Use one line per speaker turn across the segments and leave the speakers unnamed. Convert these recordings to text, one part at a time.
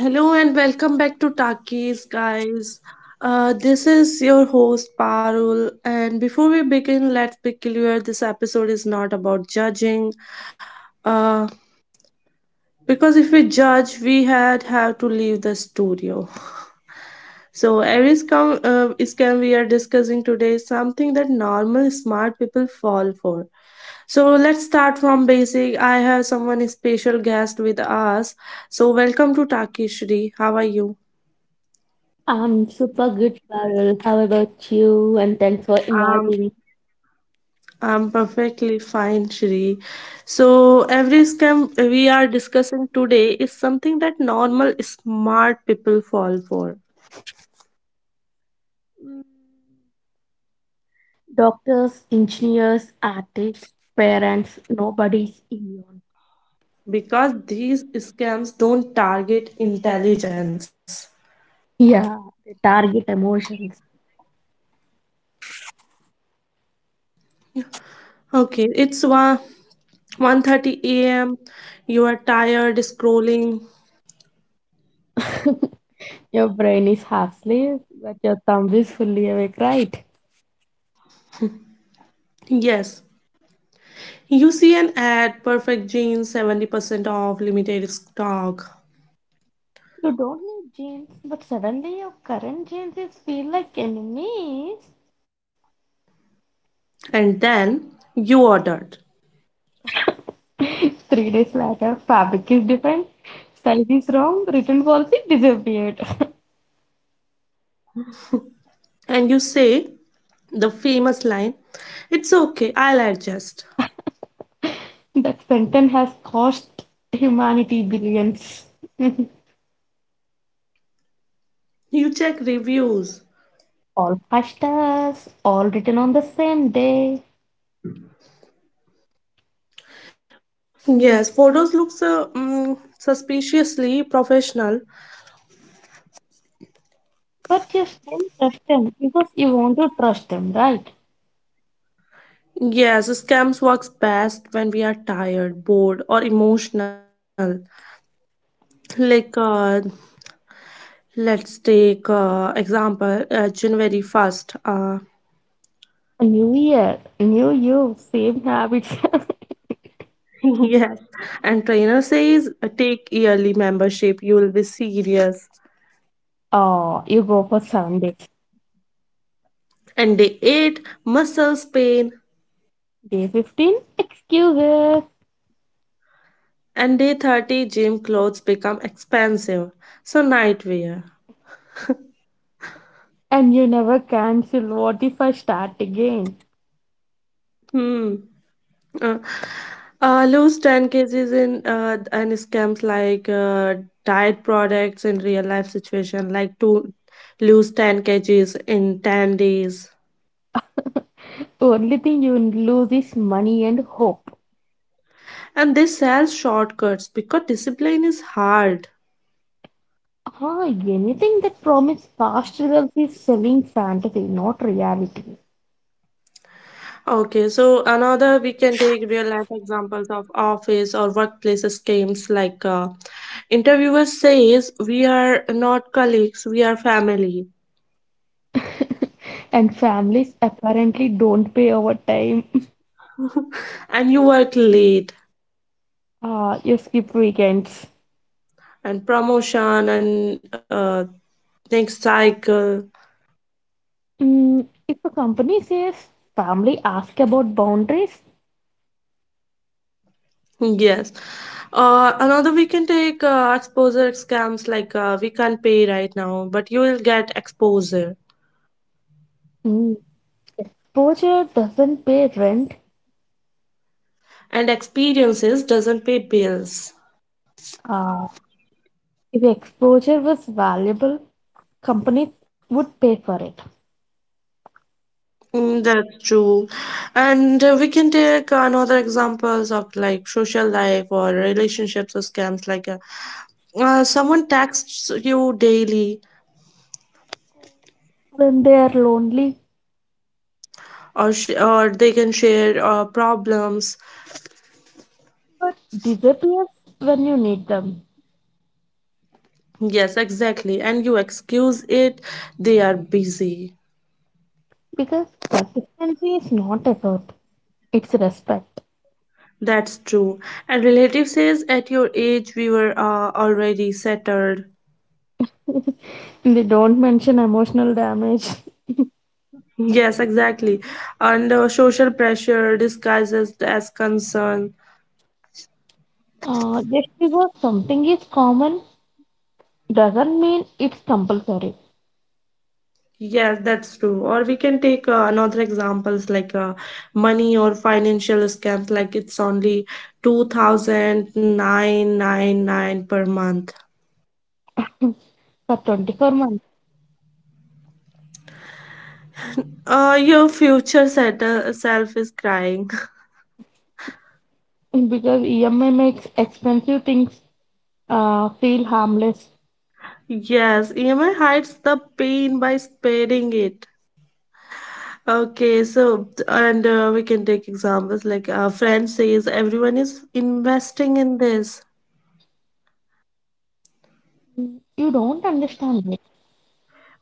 Hello and welcome back to Takis, guys. This is your host Parul, and before we begin, let's be clear: this episode is not about judging, uh, because if we judge, we had have to leave the studio. So every scam we are discussing today is something that normal smart people fall for. So let's start from basic. I have someone special guest with us. So welcome to Takis, Shri. How are you?
I'm super good, Carol. How about you? And thanks for
Um.
inviting me.
I'm perfectly fine, Shri. So, every scam we are discussing today is something that normal smart people fall for
Mm, Doctors, engineers, artists, parents, nobody's immune.
because these scams don't target intelligence.
Yeah. Yeah, they target emotions.
Okay, it's 1 1:30 a.m. You are tired scrolling.
Your brain is half asleep, but your thumb is fully awake, right?
Yes. You see an ad, perfect jeans, 70% off, limited stock,
You don't need genes, but suddenly your current genes is feel like enemies.
and then you ordered.
3 days later, fabric is different, size is wrong, written policy disappeared.
And you say the famous line, it's okay, I'll adjust.
That sentence has cost humanity billions.
You check reviews.
All five stars, all written on the same day.
Yes, photos looks suspiciously professional.
But you still trust them because you want to trust them, right?
Yes, scams works best when we are tired, bored, or emotional. Like, uh, let's take example January first.
A new year, new you, same habits.
Yes, and trainer says take yearly membership. You will be serious.
Oh, you go for 7 days.
And day 8, muscles pain.
Day 15, excuses.
And day 30, gym clothes become expensive. So, nightwear.
And you never cancel. What if I start again?
Hmm. Uh, lose 10 kgs in and scams like diet products in real life situation, like to lose 10 kgs in 10 days.
Only thing you lose is money and hope.
And they sell shortcuts because discipline is hard.
Ah, anything that promises fast results is selling fantasy, not reality.
Okay, so another we can take real life examples of office or workplace schemes like interviewer says we are not colleagues, we are family,
And families apparently don't pay overtime.
and you work late
Ah, you skip weekends.
and promotion and next cycle.
If a company says family ask about boundaries,
Yes. Another we can take exposure scams like we can't pay right now, but you will get exposure
mm, exposure doesn't pay rent.
and experiences doesn't pay bills.
Ah, if exposure was valuable, companies would pay for it
That's true. And we can take another examples of like social life or relationships or scams like someone texts you daily
when they are lonely,
or they can share problems.
but disappears when you need them.
Yes, exactly. And you excuse it, they are busy.
Because consistency is not effort, it's respect.
That's true. And relative says at your age we were already settled.
They don't mention emotional damage.
Yes, exactly. And social pressure disguises as concern.
Just because something is common doesn't mean it's compulsory
Yes, that's true. Or we can take another examples like money or financial scams, like it's only two thousand nine nine nine per month.
for 24 months.
Your future self is crying.
Because EMI makes expensive things feel harmless.
Yes, EMI hides the pain by spreading it. Okay, so and we can take examples like a friend says everyone is investing in this,
You don't understand it.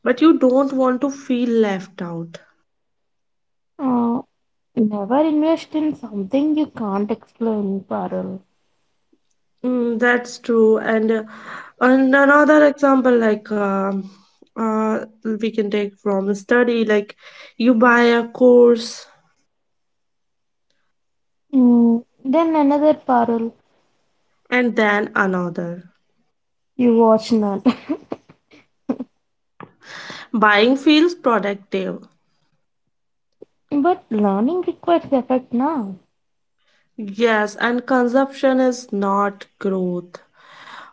but you don't want to feel left out.
Uh, Never invest in something you can't explain, Parul.
That's true. And another example, like uh, we can take from a study, like you buy a course
Then another Parul,
and then another.
you watch none.
Buying feels productive.
But learning requires effort now.
Yes, and consumption is not growth.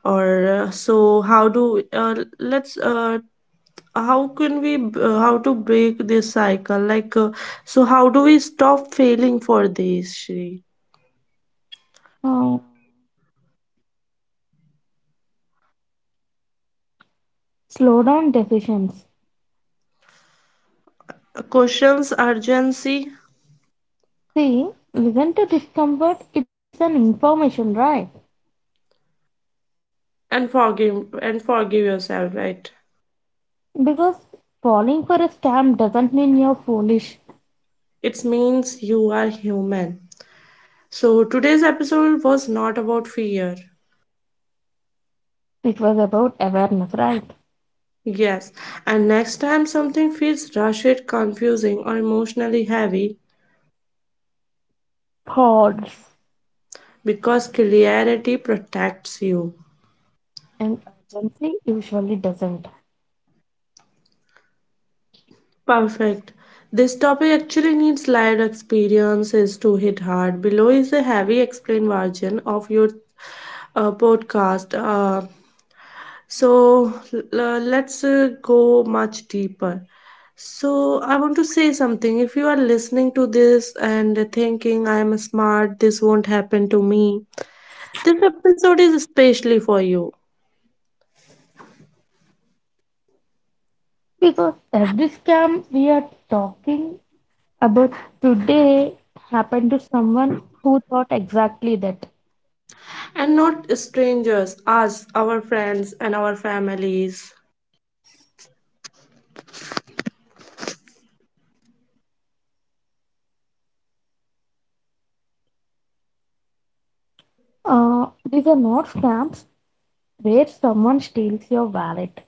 Or so, how do let's how can we b- how to break this cycle? So how do we stop failing for this, Shri?
Uh, Slow down decisions.
Questions urgency
See, listen to discomfort, it's an information, right?
and forgive yourself, right?
Because falling for a scam doesn't mean you're foolish.
It means you are human. So today's episode was not about fear.
It was about awareness, right?
Yes, and next time something feels rushed, confusing, or emotionally heavy,
Pause.
because clarity protects you.
And urgency usually doesn't.
Perfect. This topic actually needs live experiences to hit hard. Below is a heavy explained version of your podcast. So let's go much deeper. So I want to say something. If you are listening to this and thinking I am smart, this won't happen to me. This episode is especially for you,
Because every scam we are talking about today happened to someone who thought exactly that.
and not strangers, us, our friends and our families.
These are not scams where someone steals your wallet.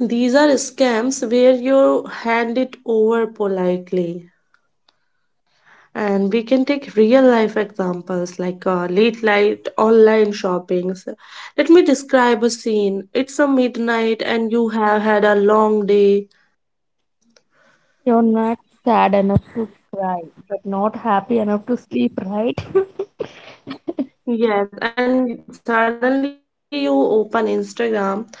These are scams where you hand it over politely. And we can take real life examples like late night online shoppings. Let me describe a scene: it's a midnight and you have had a long day.
You're not sad enough to cry, but not happy enough to sleep, right?
Yes, and suddenly you open Instagram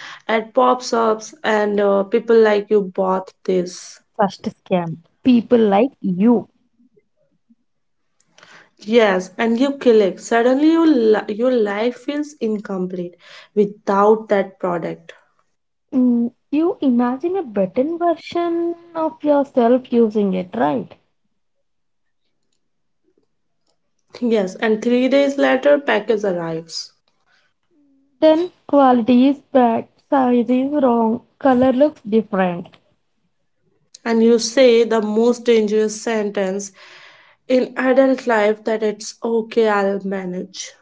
and pops up and people like you bought this.
First scam. People like you.
Yes, and you click. Suddenly your your life feels incomplete without that product.
You imagine a better version of yourself using it, right?
Yes, and 3 days later package arrives
Then quality is bad, size is wrong, color looks different.
and you say the most dangerous sentence in adult life, that it's okay, I'll manage.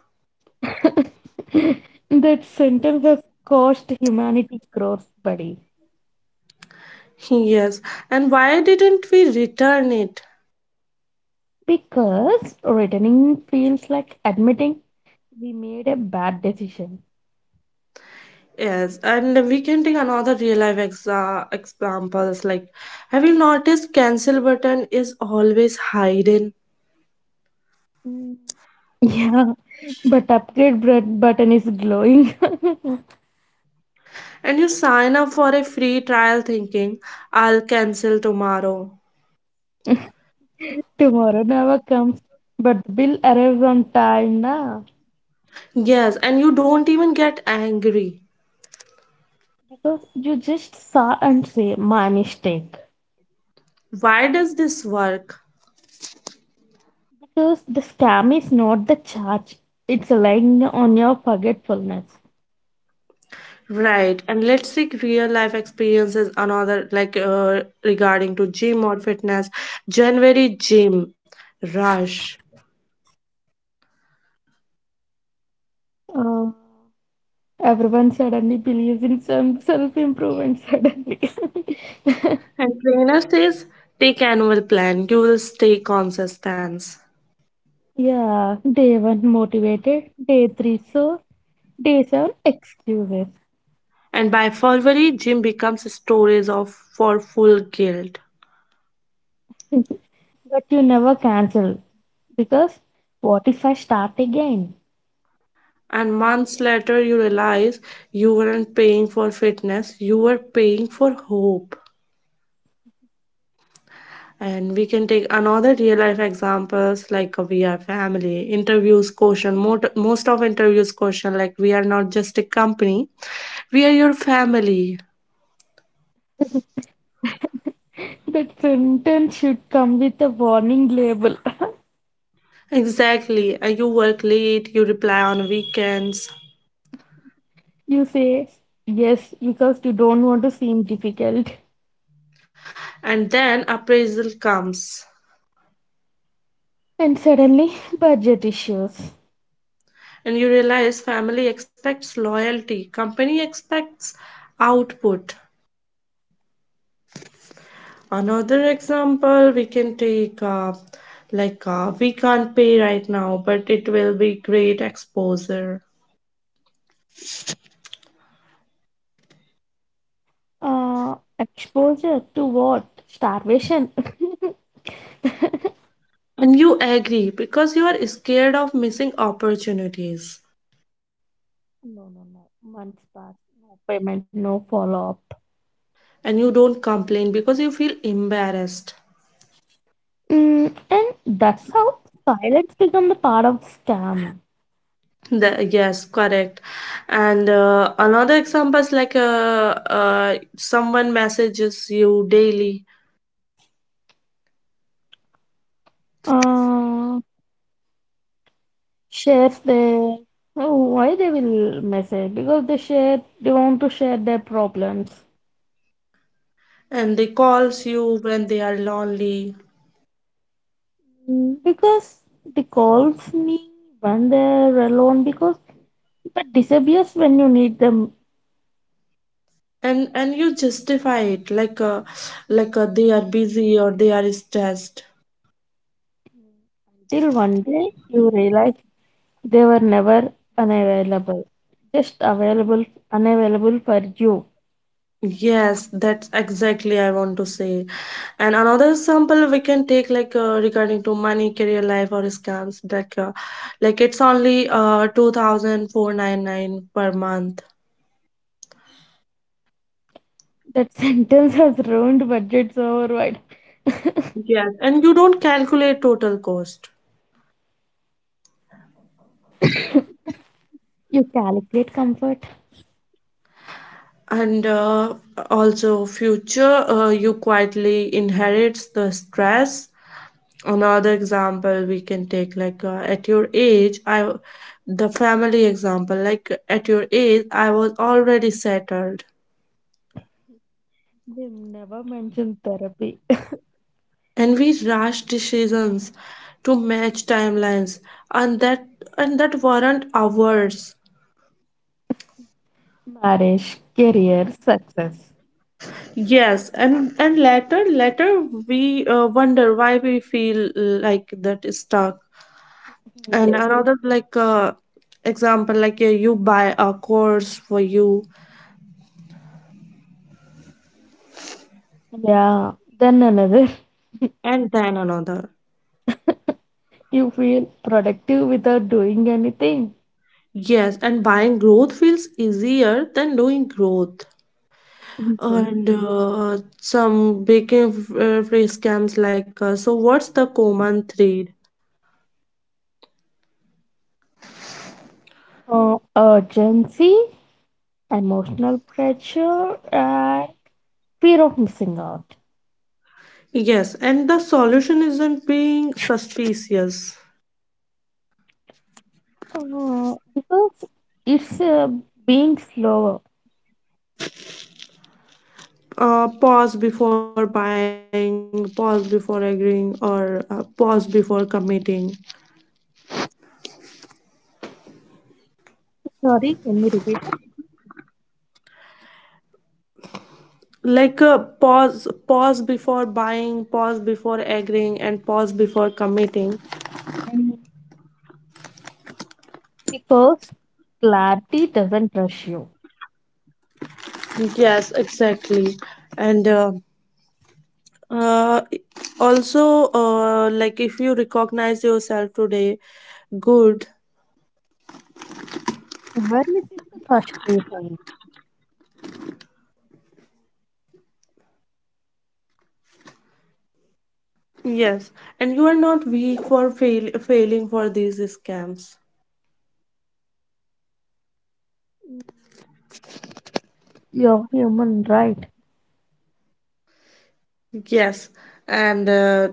That sentence has cost humanity crores, buddy.
Yes, and why didn't we return it?
Because returning feels like admitting we made a bad decision.
Yes, and we can take another real life examples like, have you noticed cancel button is always hidden,
Mm. Yeah, but upgrade button is glowing.
and you sign up for a free trial thinking I'll cancel tomorrow.
Tomorrow never comes, but the bill arrives on time na.
Yes, and you don't even get angry.
Because you just saw and say my mistake.
Why does this work?
Because the scam is not the charge, it's lying on your forgetfulness.
Right, and let's take real life experiences another like regarding to gym or fitness. January gym rush,
Uh, Everyone suddenly believes in some self-improvement suddenly.
and trainer says take annual plan. You will stay consistent.
Yeah, day one motivated, day three so, day seven excuses.
And by February, gym becomes stories of for full guilt.
But you never cancel. Because what if I start again?
And months later, you realize you weren't paying for fitness; you were paying for hope. And we can take another real life examples like we are family interviews question. Most of interviews question like, we are not just a company, we are your family.
That sentence should come with a warning label.
Exactly. And you work late, you reply on weekends,
You say yes because you don't want to seem difficult.
and then appraisal comes.
And suddenly, budget issues.
And you realize family expects loyalty, company expects output. Another example we can take, like, we can't pay right now, but it will be great exposure.
Exposure to what? Starvation.
And you agree because you are scared of missing opportunities,
No, no, no. Months pass, no payment, no follow-up.
and you don't complain because you feel embarrassed.
And that's how silence become the part of the scam.
The, yes, correct. And another example is like, someone messages you daily
Uh, Share their, oh, why they will message, because they want to share their problems.
and they calls you when they are lonely,
Because they calls me when they're alone, because but disappears when you need them,
and you justify it like, they are busy or they are stressed.
till one day you realize they were never unavailable, just available unavailable for you.
Yes, that's exactly I want to say. And another example we can take like regarding to money career life or scams like like it's only two thousand four nine nine per month.
That sentence has ruined budgets override.
Yes, and you don't calculate total cost,
You calculate comfort.
and also future you quietly inherits the stress. Another example we can take like at your age I the family example like at your age I was already settled.
They never mention therapy.
And we rushed decisions to match timelines, and that and that weren't ours.
Marriage, career, success.
Yes, and later we wonder why we feel like that is stuck. And
Yes.
another example like you buy a course for you
Yeah. Then another,
and then another.
you feel productive without doing anything.
Yes, and buying growth feels easier than doing growth.
Mhm.
And some baking free scams like, so, what's the common thread?
Urgency, emotional pressure, and fear of missing out.
Yes, and the solution isn't being suspicious.
Because it's being slower.
Pause before buying, pause before agreeing, or pause before committing.
Sorry, can you repeat it?
Pause, pause before buying, pause before agreeing, and pause before committing.
Mhm. Because clarity doesn't rush you.
Yes, exactly. And uh, Uh, also, uh, if you recognize yourself today, good.
Awareness is the first reason.
Yes, and you are not weak for failing for these scams.
You're human, right?
Yes, and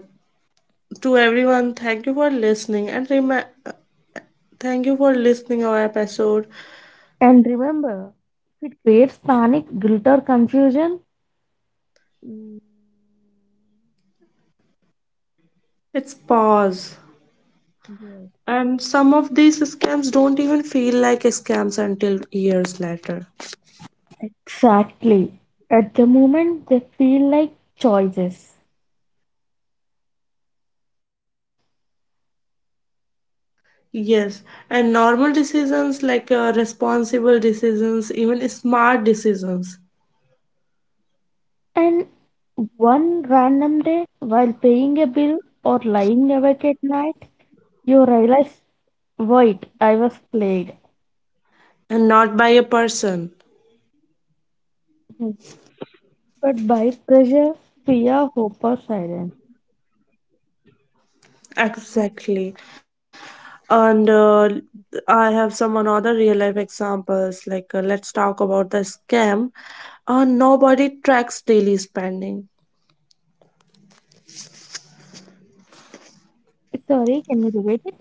to everyone, thank you for listening, and thank you for listening our episode.
And remember, if it creates panic, guilt, or confusion, mm,
It's pause,
yes.
and some of these scams don't even feel like scams until years later.
Exactly. At the moment, they feel like choices.
Yes, and normal decisions like responsible decisions, even smart decisions,
And one random day, while paying a bill or lying awake at night, you realize, wait, I was played.
and not by a person.
Mhm. But by pressure, fear, hope, or silence.
Exactly. And I have some another real life examples like, let's talk about the scam. Nobody tracks daily spending.
Sorry, can you repeat it?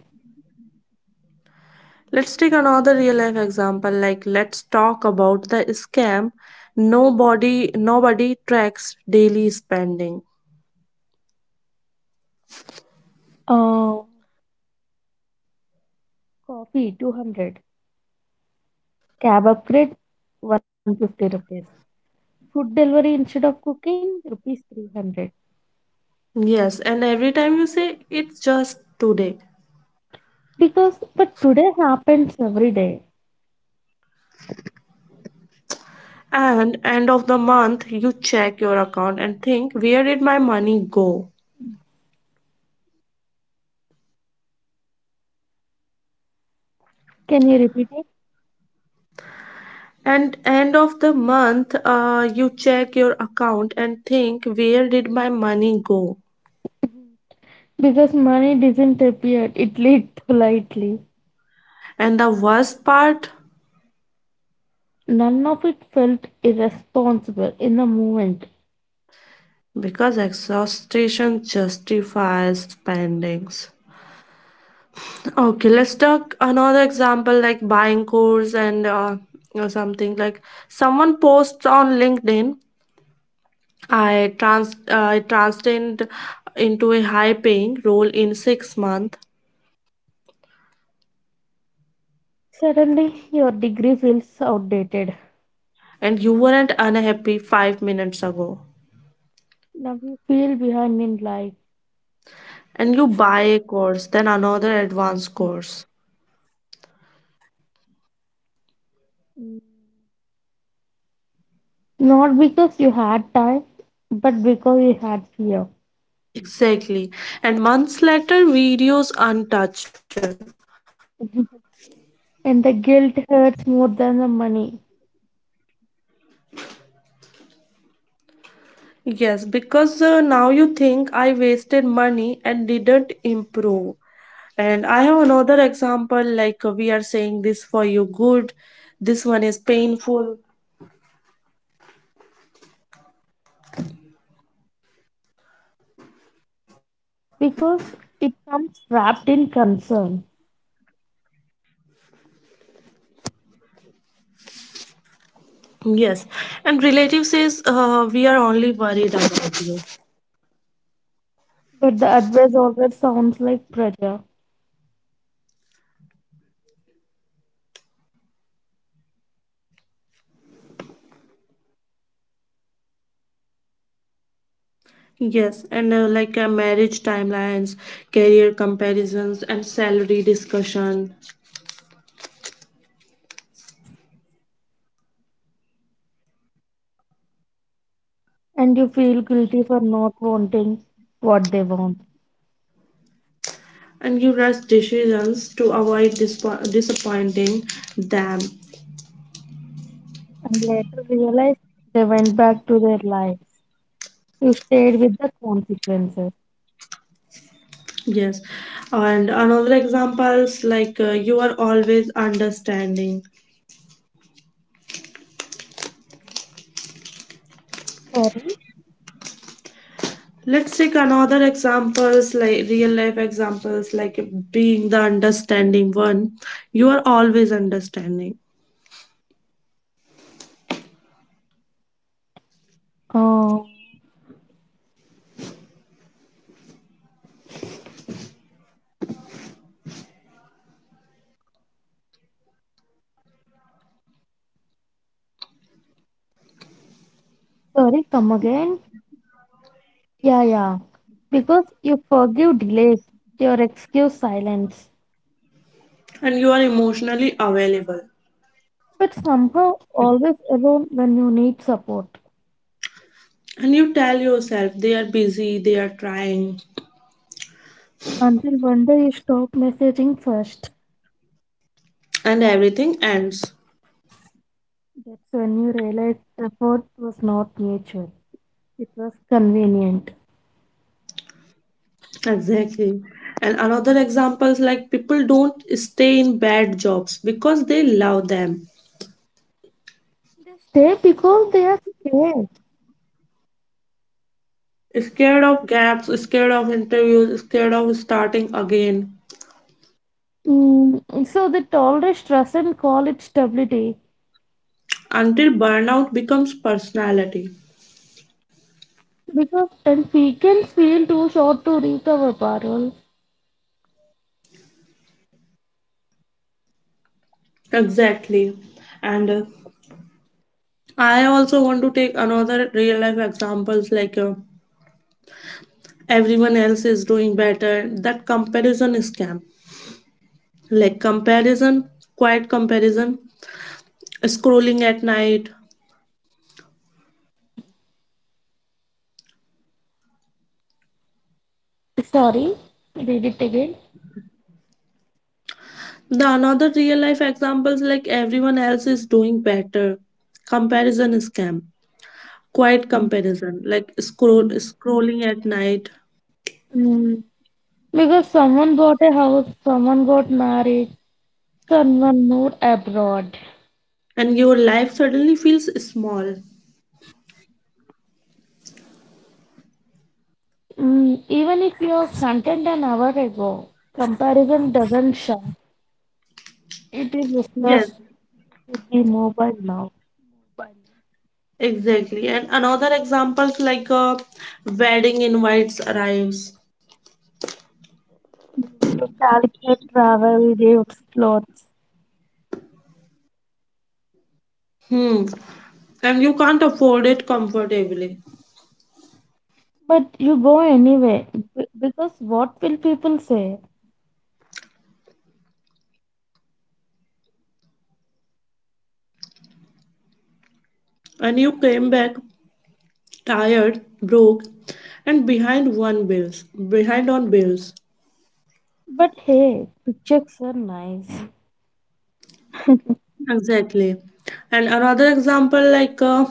Let's take another real life example, like let's talk about the scam. Nobody tracks daily spending.
Uh, Coffee 200, cab upgrade 150 rupees, food delivery instead of cooking rupees 300.
Yes, and every time you say it's just today.
Because, but today happens every day.
And end of the month you check your account and think, where did my money go?
Can you repeat it?
And end of the month you check your account and think, where did my money go?
Because money didn't appear, it leaked politely.
And the worst part,
None of it felt irresponsible in the moment.
because exhaustion justifies spendings. Okay, let's talk another example like buying course, and or something like, someone posts on LinkedIn, I transitioned into a high paying role in 6 months,
Suddenly, your degree feels outdated.
and you weren't unhappy 5 minutes ago.
Now you feel behind in life.
And you buy a course, then another advanced course.
Not because you had time, but because you had fear.
Exactly. And months later, videos untouched.
And the guilt hurts more than the money,
Yes, because now you think I wasted money and didn't improve. And I have another example like, we are saying this for you good, this one is painful.
because it comes wrapped in concern.
Yes, and relative says, we are only worried about you.
But the advice always sounds like pressure.
Yes, and like marriage timelines, career comparisons, and salary discussion,
And you feel guilty for not wanting what they want,
and you rush decisions to avoid disappointing them.
and later realize they went back to their lives. You stayed with the consequences.
Yes, and another examples like, you are always understanding.
Sorry,
Let's take another examples like real life examples like being the understanding one. You are always understanding,
uh, sorry, come again. Yeah, yeah, because you forgive delays, your excuse silence,
and you are emotionally available,
but somehow always alone when you need support.
and you tell yourself they are busy, they are trying,
Until one day you stop messaging first.
and everything ends.
That's when you realize effort was not mutual, it was convenient.
Exactly. And another examples like people don't stay in bad jobs because they love them,
They stay because they are scared.
scared of gaps, scared of interviews, scared of starting again
So they tolerate stress and call it stability.
until burnout becomes personality.
Because And we can feel too short to recover, Parul.
Exactly. And I also want to take another real life examples like, everyone else is doing better, that comparison scam, like comparison, quiet comparison, scrolling at night.
Sorry, read it again.
The another real life examples like everyone else is doing better, comparison scam, quiet comparison, like
Mm.
scrolling at night,
Mm. Because someone bought a house, someone got married, someone moved abroad.
and your life suddenly feels small.
Mm. Even if you are content an hour ago, comparison doesn't show. It is
Yes,
discussed with the mobile now.
exactly. And another examples like wedding invites arrives.
You calculate travel, dates, clothes,
Hmm. And you can't afford it comfortably.
but you go anyway because what will people say?
And you came back tired, broke, and behind on bills.
But hey, pictures are nice.
Exactly. And another example like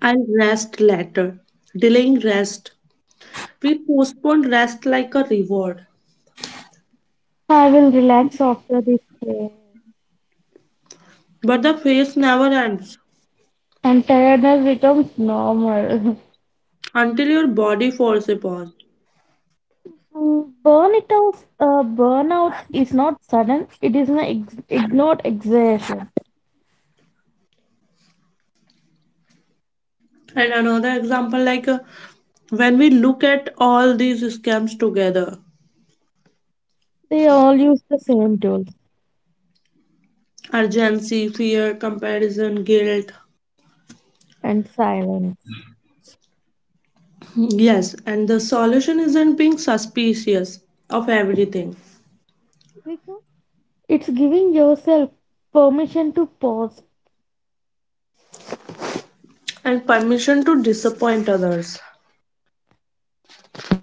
I'll rest later, delaying rest. We postpone rest like a reward,
I will relax after this day,
but the phase never ends
and tiredness becomes normal.
until your body falls upon.
Burnout is not sudden; it is an ignored exertion.
And another example like, when we look at all these scams together,
They all use the same tools
urgency, fear, comparison, guilt.
and silence,
Yes, and the solution isn't being suspicious of everything,
because it's giving yourself permission to pause.
and permission to disappoint others.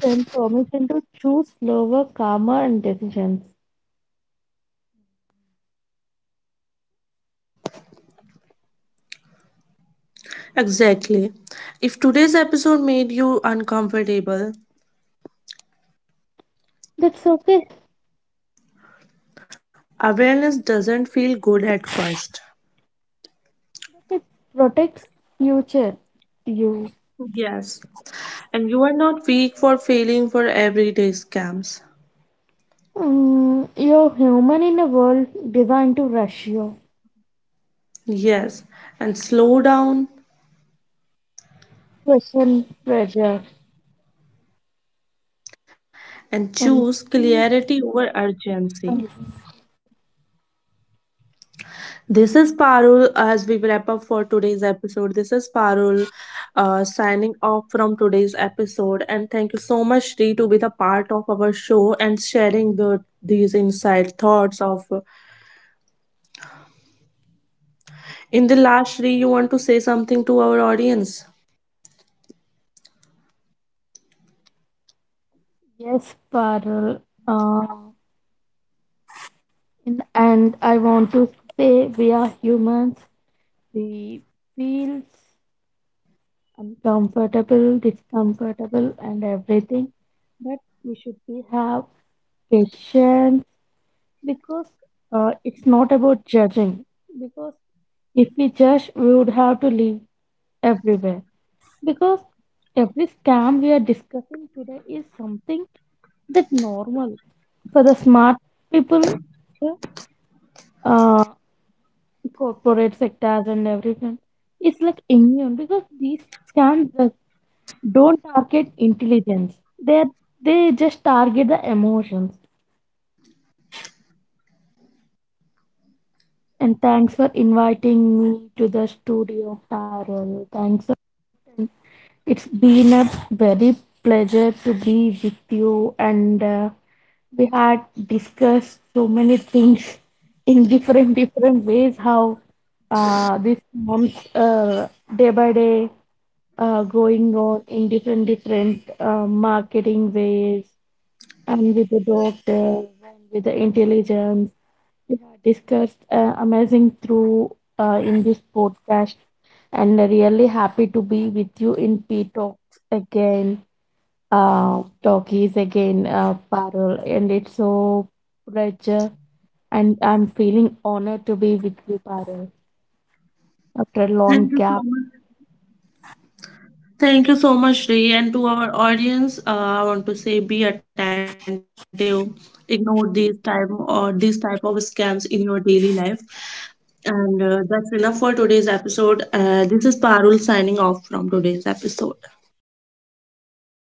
Transformation to choose slower, calmer, and decisions.
Exactly. If today's episode made you uncomfortable,
That's okay.
awareness doesn't feel good at first.
It protects future you.
Yes, and you are not weak for failing for everyday scams.
You're human in a world designed to rush you,
Yes, and slow down
question, pressure,
and
and
choose
choose
clarity over urgency.
us.
This is Parul, as we wrap up for today's episode. This is Parul, signing off from today's episode. And thank you so much, Sri, to be the part of our show and sharing the these inside thoughts of. In the last, Sri, you want to say something to our audience?
Yes, Parul. Uh, in the end, I want to say we are humans. We feel uncomfortable, discomfortable, and everything, but we should be have patience, because it's not about judging, because if we judge we would have to live everywhere, because every scam we are discussing today is something that normal for the smart people, yeah, uh, corporate sectors and everything. It's like immune, because these scams just don't target intelligence. They they just target the emotions. And thanks for inviting me to the studio, Tarol. Thanks. It's been a very pleasure to be with you, and we had discussed so many things in different different ways. How this month, day by day, going on in different different marketing ways, and with the doctors and with the intelligence, we have discussed amazing through in this podcast, and really happy to be with you in Talkies again, Parul, and it's so pleasure, and I'm feeling honored to be with you, Parul, after a long
Thank you so
gap.
much. Thank you so much, Ray. And to our audience, I want to say, be attentive. Ignore these type or these type of scams in your daily life. And that's enough for today's episode. This is Parul signing off from today's episode.